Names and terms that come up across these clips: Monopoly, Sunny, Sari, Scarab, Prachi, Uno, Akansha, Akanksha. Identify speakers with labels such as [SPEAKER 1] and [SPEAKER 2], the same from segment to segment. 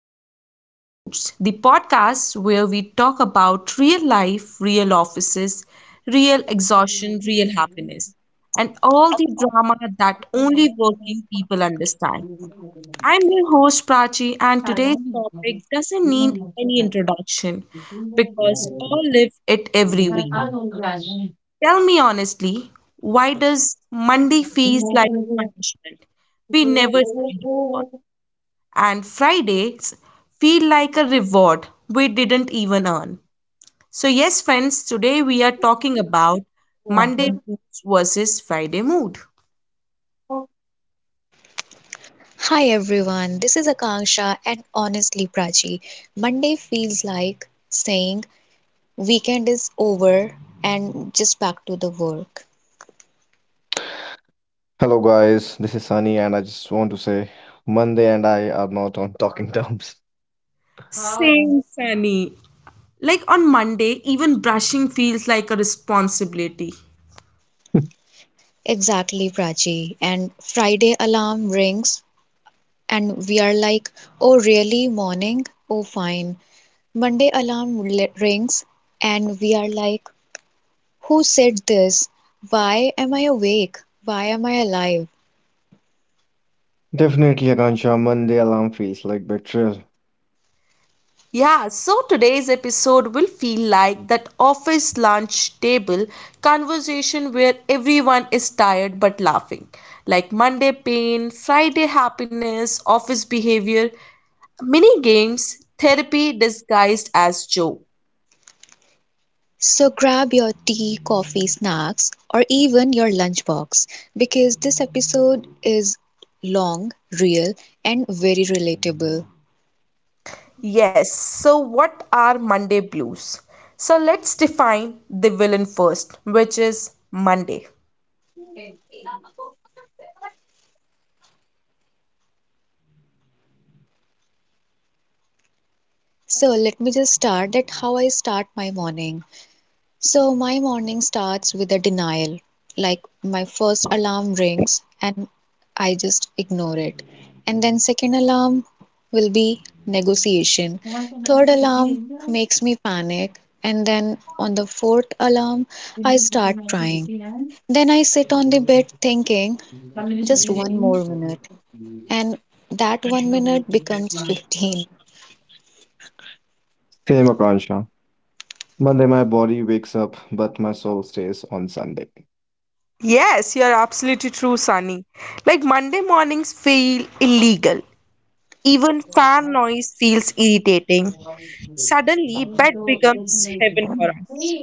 [SPEAKER 1] and Friday Moods, the podcast where we talk about real life, real offices, real exhaustion, real happiness, and all the drama that only working people understand. I'm your host Prachi, and today's topic doesn't need any introduction because all live it every week. Tell me honestly, why does Monday feels like a punishment we never signed up for? And Fridays feel like a reward we didn't even earn. So, yes, friends, today we are talking about Monday blues versus Friday mood.
[SPEAKER 2] Hi everyone, this is Akanksha and honestly Prachi, Monday feels like saying weekend is over and just back to the work.
[SPEAKER 3] Hello guys, this is Sunny and I just want to say Monday and I are not on talking terms.
[SPEAKER 1] Same, Sunny. Like on Monday, even brushing feels like a responsibility.
[SPEAKER 2] Exactly Prachi, and Friday alarm rings and we are like, oh really morning? Oh fine. Monday rings and we are like, who said this? Why am I awake? Why am I alive?
[SPEAKER 3] Definitely Akansha, Monday alarm feels like betrayal.
[SPEAKER 1] Yeah, so today's episode will feel like that office lunch table conversation where everyone is tired but laughing. Like Monday pain, Friday happiness, office behavior, mini games, therapy disguised as joke.
[SPEAKER 2] So grab your tea, coffee, snacks, or even your lunchbox because this episode is long, real, and very relatable.
[SPEAKER 1] Yes, so what are Monday blues? So let's define the villain first, which is Monday.
[SPEAKER 2] So let me just start at how I start my morning. So my morning starts with a denial. Like my first alarm rings and I just ignore it. And then second alarm will be negotiation. Third alarm makes me panic. And then on the fourth alarm, I start crying. Then I sit on the bed thinking just one more minute. And that one minute becomes 15.
[SPEAKER 3] Same Akansha. Monday my body wakes up but my soul stays on Sunday.
[SPEAKER 1] Yes, you're absolutely true, Sunny. Like Monday mornings feel illegal. Even fan noise feels irritating. Suddenly, bed becomes heaven for us.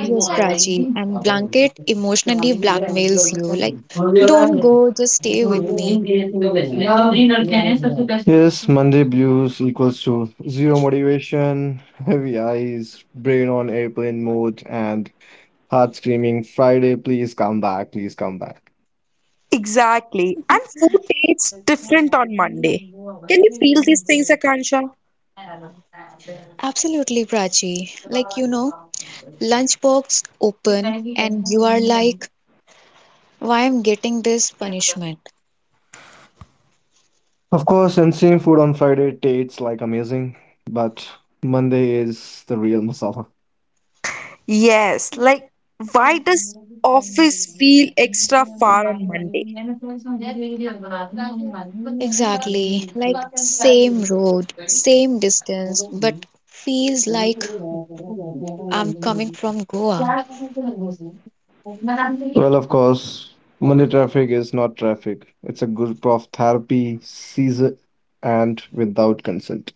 [SPEAKER 2] Yes, Prachi, and Blanket emotionally blackmails you. Like, don't go, just stay with me.
[SPEAKER 3] Yes, Monday blues equals to zero motivation, heavy eyes, brain on airplane mode and heart screaming Friday please come back, please come back.
[SPEAKER 1] Exactly. And food tastes different on Monday. Can you feel these things, Akansha?
[SPEAKER 2] Absolutely, Prachi. Like, you know, lunchbox open, and you are like, why I'm getting this punishment?
[SPEAKER 3] Of course, insane food on Friday tastes like amazing, but Monday is the real masala.
[SPEAKER 1] Yes, like why does office feel extra far on Monday?
[SPEAKER 2] Exactly. Like, same road, same distance, but feels like I'm coming from Goa.
[SPEAKER 3] Well, of course, money traffic is not traffic. It's a group of therapy, season, and without consent.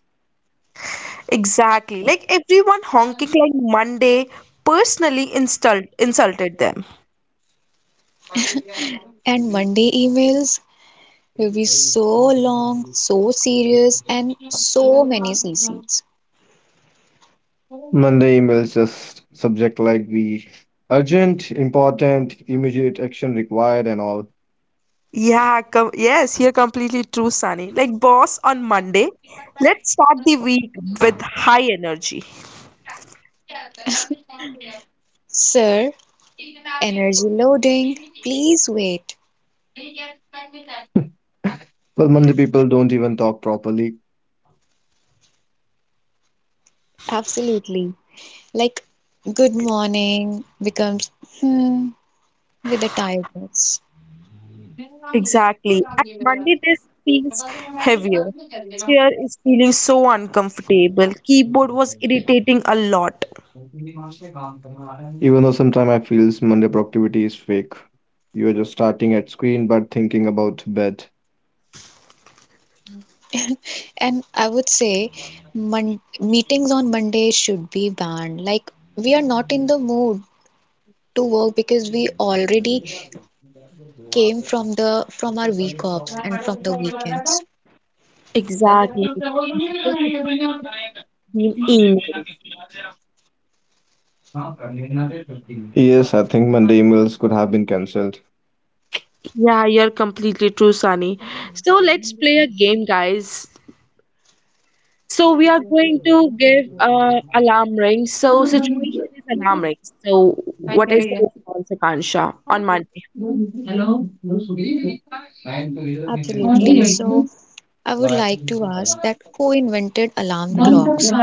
[SPEAKER 1] Exactly. Like everyone honking like Monday personally insult insulted them.
[SPEAKER 2] And Monday emails will be so long, so serious, and so many CCs.
[SPEAKER 3] Monday emails just subject like the urgent, important, immediate action required, and all.
[SPEAKER 1] Yes, you're completely true, Sunny. Like, boss, on Monday, let's start the week with high energy.
[SPEAKER 2] Sir, energy loading, please wait.
[SPEAKER 3] Well, Monday people don't even talk properly.
[SPEAKER 2] Absolutely. Like, good morning becomes hmm with the tiredness.
[SPEAKER 1] Exactly. And Monday this feels heavier. Chair is feeling so uncomfortable. Keyboard was irritating a lot.
[SPEAKER 3] Even though sometimes I feels Monday productivity is fake. You are just starting at screen but thinking about bed.
[SPEAKER 2] And I would say meetings on Monday should be banned. Like, we are not in the mood to work because we already came from our week offs and from the weekends.
[SPEAKER 1] Exactly. Let Monday it been emails.
[SPEAKER 3] Yes, I think Monday emails could have been cancelled.
[SPEAKER 1] Yeah, you're completely true, Sunny. So let's play a game, guys. So we are going to give alarm rings. So situation is alarm rings. So what is the response, Akansha, on Monday?
[SPEAKER 2] Absolutely. So, I would like to ask that who invented alarm clocks?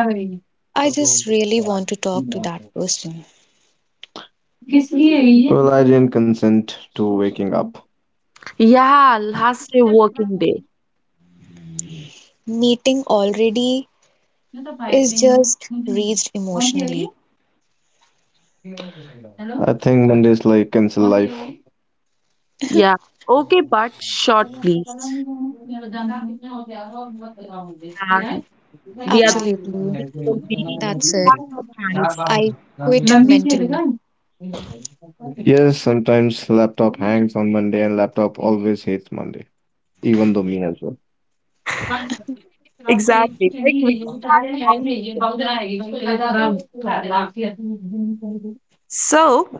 [SPEAKER 2] I just really want to talk to that person.
[SPEAKER 3] Well, I didn't consent to waking up.
[SPEAKER 1] Yeah, last day working day.
[SPEAKER 2] Meeting already is just reached emotionally.
[SPEAKER 3] I think Mondays like cancel life.
[SPEAKER 1] Yeah. Okay, but short, please. And the other
[SPEAKER 2] Absolutely.
[SPEAKER 1] situation will be
[SPEAKER 2] That's it.
[SPEAKER 1] lots of hands.
[SPEAKER 2] I quit mentally.
[SPEAKER 3] Yes, sometimes laptop hangs on Monday and laptop always hates Monday, even though me as well.
[SPEAKER 1] Exactly. Like we start on it. So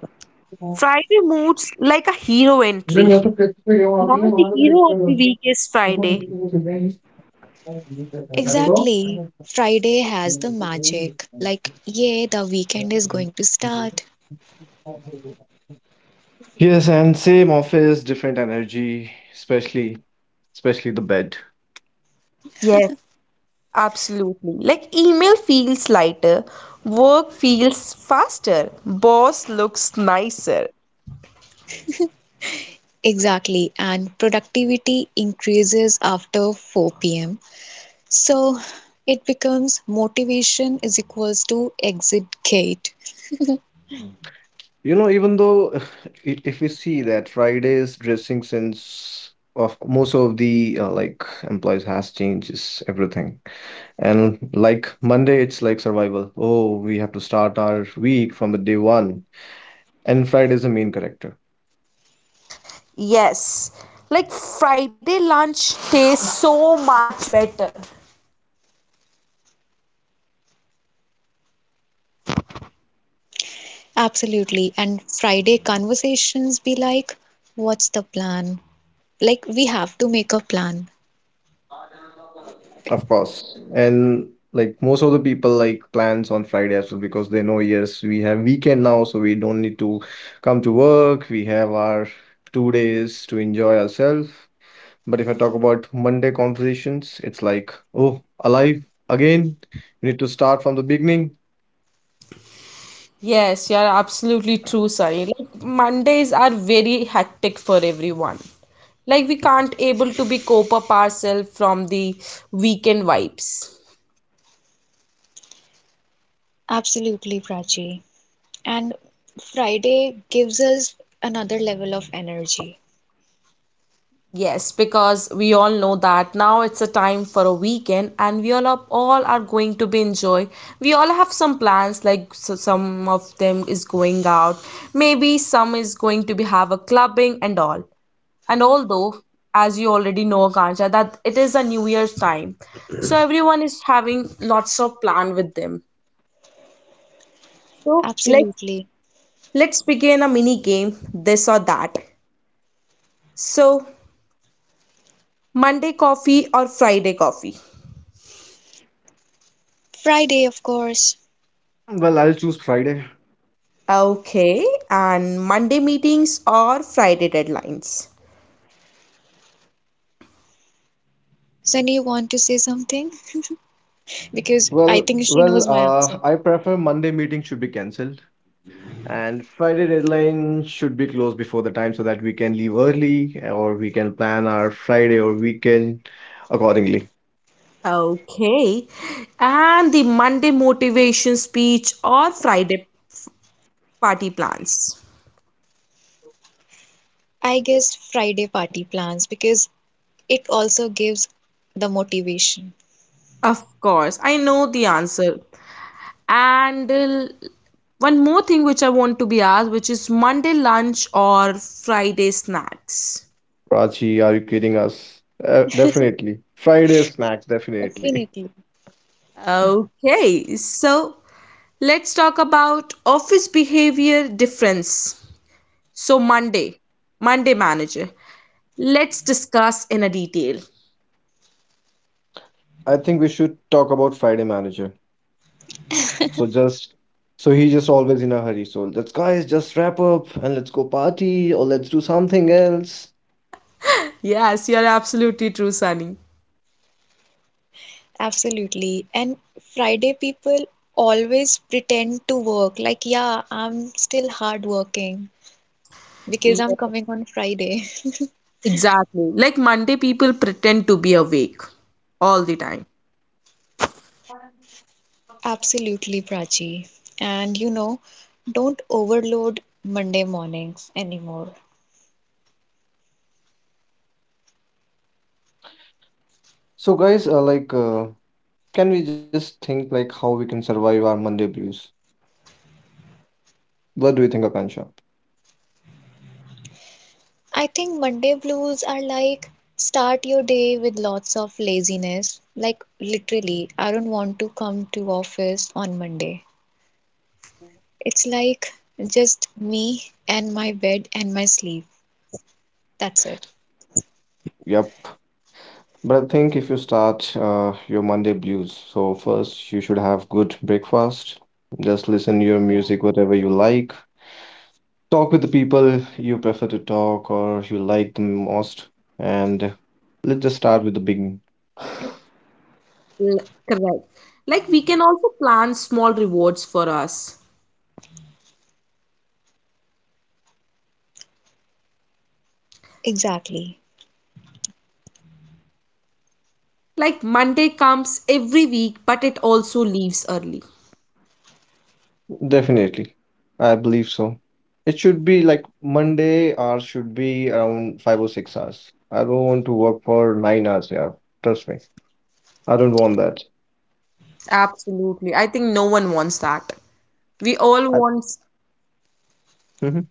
[SPEAKER 1] Friday moves like a hero entry. Now the hero of the week is Friday.
[SPEAKER 2] Exactly. Friday has the magic. Like, yeah, the weekend is going to start.
[SPEAKER 3] Yes, and same office, different energy, especially the bed.
[SPEAKER 1] Yes. Absolutely. Like email feels lighter, work feels faster, boss looks nicer.
[SPEAKER 2] Exactly. And productivity increases after 4 p.m. So it becomes motivation is equals to exit gate.
[SPEAKER 3] You know, even though if we see that Friday's dressing sense of most of the like employees has changes everything. And like Monday, it's like survival. Oh, we have to start our week from the day one. And Friday is the main character.
[SPEAKER 1] Yes. Like Friday lunch tastes so much better.
[SPEAKER 2] Absolutely. And Friday conversations be like, what's the plan? Like, we have to make a plan.
[SPEAKER 3] Of course. And like most of the people like plans on Friday as well because they know, yes, we have weekend now, so we don't need to come to work. We have our 2 days to enjoy ourselves. But if I talk about Monday conversations, it's like, oh, alive again. We need to start from the beginning.
[SPEAKER 1] Yes, you're absolutely true, Sari. Like Mondays are very hectic for everyone. Like we can't able to be cope up ourselves from the weekend vibes.
[SPEAKER 2] Absolutely, Prachi. And Friday gives us another level of energy.
[SPEAKER 1] Yes, because we all know that now it's a time for a weekend and we all are going to be enjoy. We all have some plans like so some of them is going out. Maybe some is going to be have a clubbing and all. And although as you already know Kancha that it is a new year's time. So everyone is having lots of plan with them. So let's
[SPEAKER 2] Absolutely.
[SPEAKER 1] let's begin a mini game this or that. So Monday coffee or Friday coffee?
[SPEAKER 2] Friday, of course.
[SPEAKER 3] Well, I'll choose Friday.
[SPEAKER 1] Okay, and Monday meetings or Friday deadlines.
[SPEAKER 2] Sunny, you want to say something? Because I
[SPEAKER 3] Well,
[SPEAKER 2] think she
[SPEAKER 3] well,
[SPEAKER 2] knows my
[SPEAKER 3] uh,
[SPEAKER 2] answer.
[SPEAKER 3] I prefer Monday meeting should be cancelled. And Friday deadline should be closed before the time so that we can leave early or we can plan our Friday or weekend accordingly.
[SPEAKER 1] Okay, and the Monday motivation speech or Friday party plans.
[SPEAKER 2] I guess Friday party plans because it also gives the motivation.
[SPEAKER 1] Of course, I know the answer. And one more thing which I want to be asked, which is Monday lunch or Friday snacks.
[SPEAKER 3] Prachi, are you kidding us? Definitely. Friday snacks, definitely.
[SPEAKER 2] Definitely.
[SPEAKER 1] Okay, so let's talk about office behavior difference. So Monday manager. Let's discuss in a detail.
[SPEAKER 3] I think we should talk about Friday manager. So just so he's just always in a hurry. So let's guys just wrap up and let's go party or let's do something else.
[SPEAKER 1] Yes, you're absolutely true, Sunny.
[SPEAKER 2] Absolutely. And Friday people always pretend to work like, yeah, I'm still hard working because
[SPEAKER 1] Yeah,
[SPEAKER 2] I'm coming on Friday.
[SPEAKER 1] exactly. Like Monday, people pretend to be awake all the time.
[SPEAKER 2] Absolutely, Prachi. And you know, don't overload Monday mornings anymore.
[SPEAKER 3] So guys, like, can we just think like how we can survive our Monday blues? What do you think, Akansha?
[SPEAKER 2] I think Monday blues are like start your day with lots of laziness. Like literally, I don't want to come to office on Monday. It's like just me and my bed and my sleep. That's it.
[SPEAKER 3] Yep. But I think if you start your Monday blues, so first you should have good breakfast. Just listen to your
[SPEAKER 2] Yeah,
[SPEAKER 3] music, whatever you like. Talk with the people you prefer to talk or you like the most. And let's just start with the beginning.
[SPEAKER 1] Correct. Like we can also plan small rewards for us.
[SPEAKER 2] exactly.
[SPEAKER 1] Like Monday comes every week, but it also leaves early.
[SPEAKER 3] Definitely. I believe so. It should be like Monday hours should be around 5 or 6 hours. I don't want to work for 9 hours, yeah. Trust me. I don't want that.
[SPEAKER 1] Absolutely. I think no one wants that. We all
[SPEAKER 3] I,
[SPEAKER 1] want,
[SPEAKER 3] Mhm.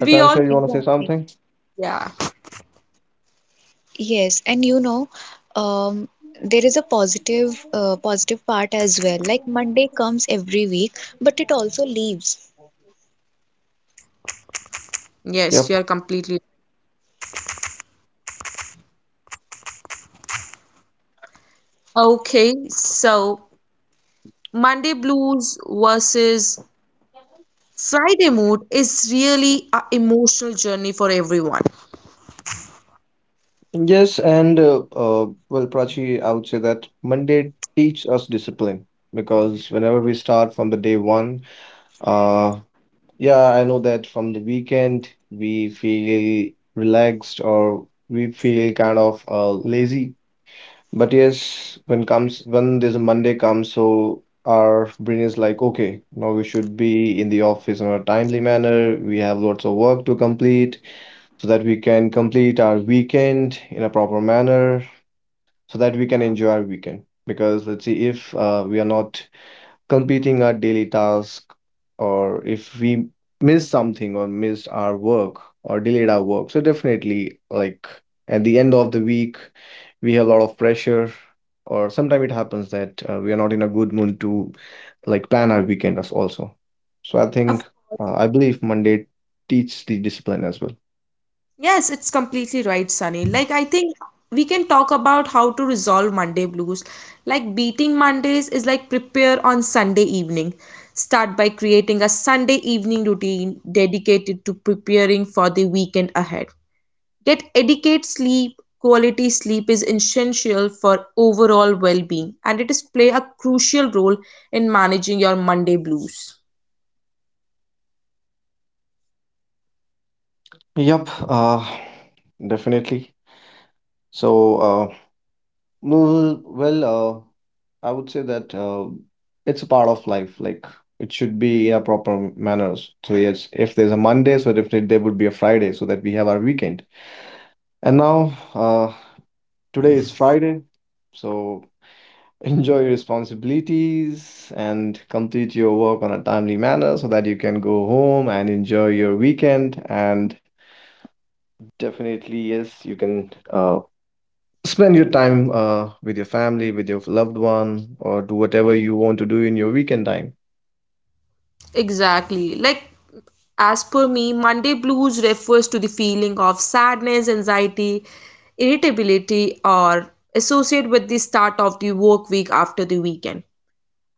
[SPEAKER 1] we all,
[SPEAKER 3] you want to say
[SPEAKER 2] Exactly.
[SPEAKER 3] something?
[SPEAKER 1] yeah.
[SPEAKER 2] Yes, and you know, um, there is a positive part as well. Like Monday comes every week, but it also leaves.
[SPEAKER 1] Yes,
[SPEAKER 3] Yep.
[SPEAKER 1] you're completely. Okay, so Monday blues versus Friday mood is really a emotional journey for everyone.
[SPEAKER 3] Yes, and well, Prachi, I would say that Monday teach us discipline because whenever we start from the day one, uh, yeah, I know that from the weekend we feel relaxed or we feel kind of lazy but yes, when comes when there's a Monday comes, so our brain is like, okay, now we should be in the office in a timely manner. We have lots of work to complete so that we can complete our weekend in a proper manner so that we can enjoy our weekend. Because let's see, if we are not completing our daily task, or if we miss something or missed our work or delayed our work. So definitely, like at the end of the week, we have a lot of pressure, or sometimes it happens that we are not in a good mood to like plan our weekend as also. So I
[SPEAKER 1] Of
[SPEAKER 3] think
[SPEAKER 1] course.
[SPEAKER 3] I believe Monday teaches the discipline as well.
[SPEAKER 1] Yes, it's completely right, Sunny. Like, I think we can talk about how to resolve Monday blues. Like, beating Mondays is like prepare on Sunday evening. Start by creating a Sunday evening routine dedicated to preparing for the weekend ahead. Get adequate sleep. Quality sleep is essential for overall well being and it is play a crucial role in managing your Monday blues.
[SPEAKER 3] Yep, uh, Definitely. So No, well, I would say that it's a part of life. Like it should be in a proper manners. So yes, if there's a Monday, so definitely there would be a Friday, so that we have our weekend. And now, today is Friday, so enjoy your responsibilities and complete your work on a timely manner, so that you can go home and enjoy your weekend. And definitely, yes, you can spend your time with your family, with your loved one, or do whatever you want to do in your weekend time.
[SPEAKER 1] Exactly. Like, as per me, Monday blues refers to the feeling of sadness, anxiety, irritability, or associated with the start of the work week after the weekend.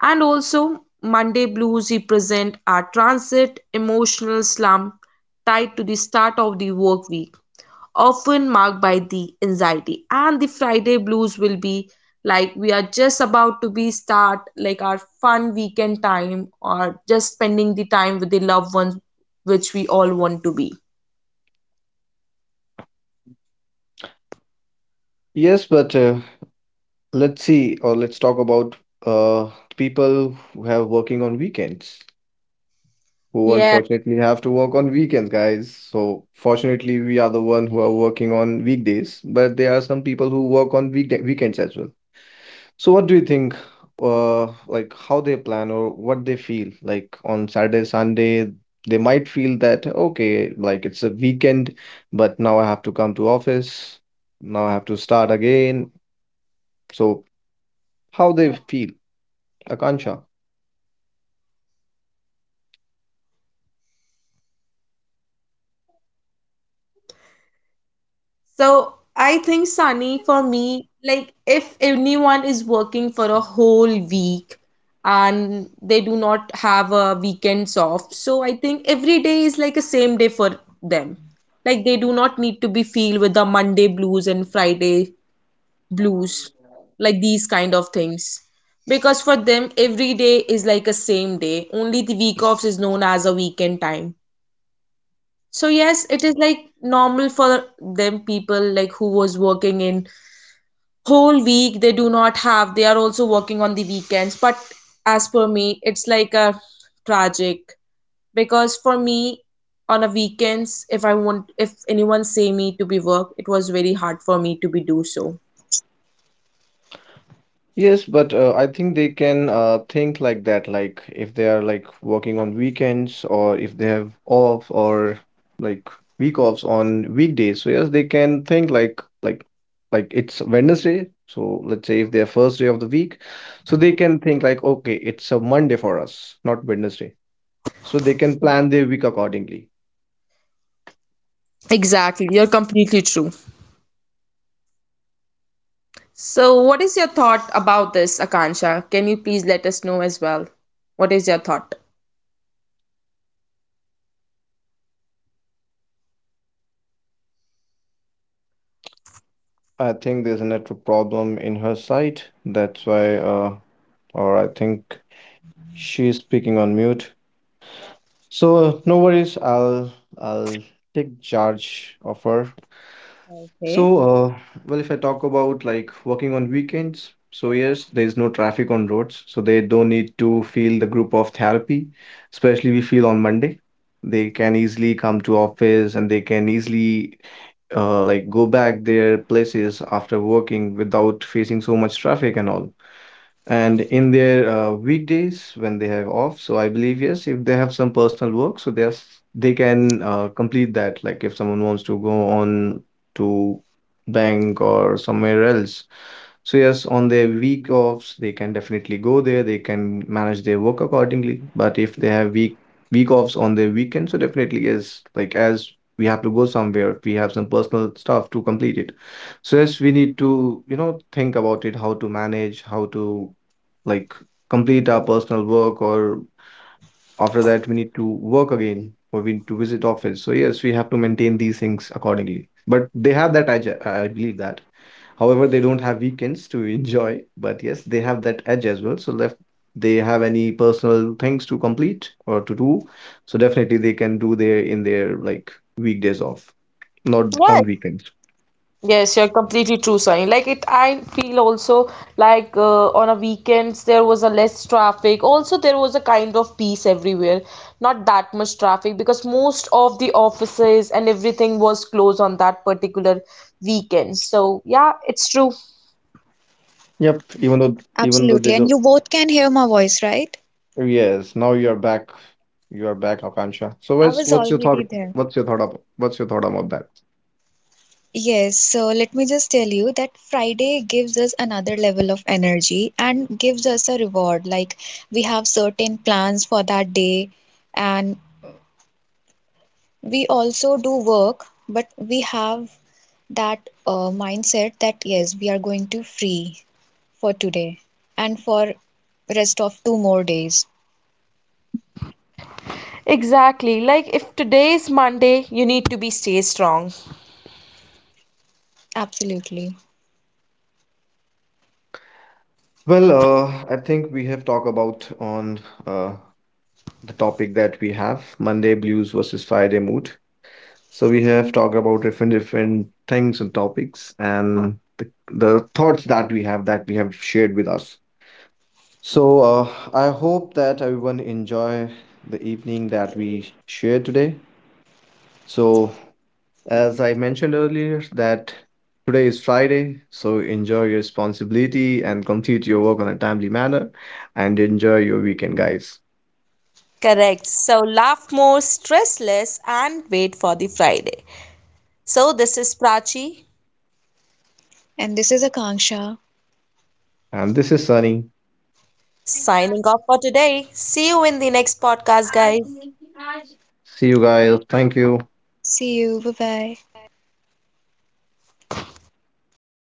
[SPEAKER 1] And also, Monday blues represent our transit emotional slump tied to the start of the work week, often marked by the anxiety. And the Friday blues will be like we are just about to be start like our fun weekend time or just spending the time with the loved ones which we all want to be.
[SPEAKER 3] Yes, but let's see, or let's talk about uh, people who have working on weekends, who
[SPEAKER 1] Yeah.
[SPEAKER 3] unfortunately have to work on weekends, guys. So fortunately, we are the one who are working on weekdays, but there are some people who work on weekday weekends as well. So what do you think, like how they plan or what they feel? Like on Saturday, Sunday, they might feel that, okay, like it's a weekend, but now I have to come to office. Now I have to start again. So how they feel, Akansha?
[SPEAKER 1] So I think, Sunny, for me, like if anyone is working for a whole week and they do not have a weekends off, so I think every day is like a same day for them. Like they do not need to be feel with the Monday blues and Friday blues, like these kind of things. Because for them, every day is like a same day. Only the week offs is known as a weekend time. So yes, it is like normal for them people like who was working in whole week they do not have they are also working on the weekends but as per me it's like a tragic because for me on a weekends if I want if anyone say me to be work it was very hard for me to be do so.
[SPEAKER 3] Yes, but I think they can think like that, like if they are like working on weekends or if they have off or like week offs on weekdays. So yes, they can think like it's Wednesday. So let's say if their first day of the week, so they can think like okay, it's a Monday for us, not Wednesday. So they can plan their week accordingly.
[SPEAKER 1] Exactly, you're completely true. So what is your thought about this Akansha? Can you please let us know as well? What is your thought?
[SPEAKER 3] I think there's a network problem in her site. That's why or I think she's speaking on mute. So no worries, I'll take charge of her.
[SPEAKER 1] Okay.
[SPEAKER 3] So well, if I talk about like working on weekends, so yes, there is no traffic on roads, so they don't need to feel the group of therapy, especially we feel on Monday. They can easily come to office and they can easily like go back their places after working without facing so much traffic and all. And in their weekdays when they have off, so I believe yes, if they have some personal work, they can complete that. Like if someone wants to go on to bank or somewhere else, so yes, on their week offs, they can definitely go there. They can manage their work accordingly. But if they have week offs on their weekend, so definitely yes, like as we have to go somewhere, we have some personal stuff to complete it. So yes, we need to, you know, think about it, how to manage, how to like complete our personal work or after that we need to work again or we need to visit office so yes we have to maintain these things accordingly but they have that edge I believe that however they don't have weekends to enjoy but yes they have that edge as well so if they have any personal things to complete or to do so definitely they can do their in their like weekdays off not
[SPEAKER 1] Yes,
[SPEAKER 3] on weekends
[SPEAKER 1] Yes, you're completely true, Sunny. Like it, I feel also like on a weekends there was a less traffic. Also, there was a kind of peace everywhere. Not that much traffic because most of the offices and everything was closed on that particular weekend. So yeah, it's true.
[SPEAKER 3] yep even though even though they
[SPEAKER 2] Absolutely. And
[SPEAKER 3] do
[SPEAKER 2] you both can hear my voice, right?
[SPEAKER 3] Yes, now you're back. You're back, Akansha. So
[SPEAKER 2] I
[SPEAKER 3] what's
[SPEAKER 2] was
[SPEAKER 3] what's your thought?
[SPEAKER 2] already there.
[SPEAKER 3] What's your thought about that?
[SPEAKER 2] Yes, so let me just tell you that Friday gives us another level of energy and gives us a reward. Like we have certain plans for that day, and we also do work, but we have that mindset that yes, we are going to free for today and for rest of two more days.
[SPEAKER 1] Exactly. Like if today is Monday, you need to be stay strong.
[SPEAKER 2] Absolutely.
[SPEAKER 3] Well, I think we have talked about on uh, the topic that we have, Monday blues versus Friday mood. So we have talked about different different things and topics and the thoughts that we have shared with us. So I hope that everyone enjoy the evening that we shared today. So as I mentioned earlier, that today is Friday, so enjoy your responsibility and complete your work on a timely manner and enjoy your weekend, guys.
[SPEAKER 1] Correct. So laugh more, stress less, and wait for the Friday. So this is Prachi
[SPEAKER 2] And this is Akanksha.
[SPEAKER 3] And this is Sunny.
[SPEAKER 1] signing off for today. See you in the next podcast, guys.
[SPEAKER 3] See you guys. Thank you.
[SPEAKER 2] See you. Bye bye.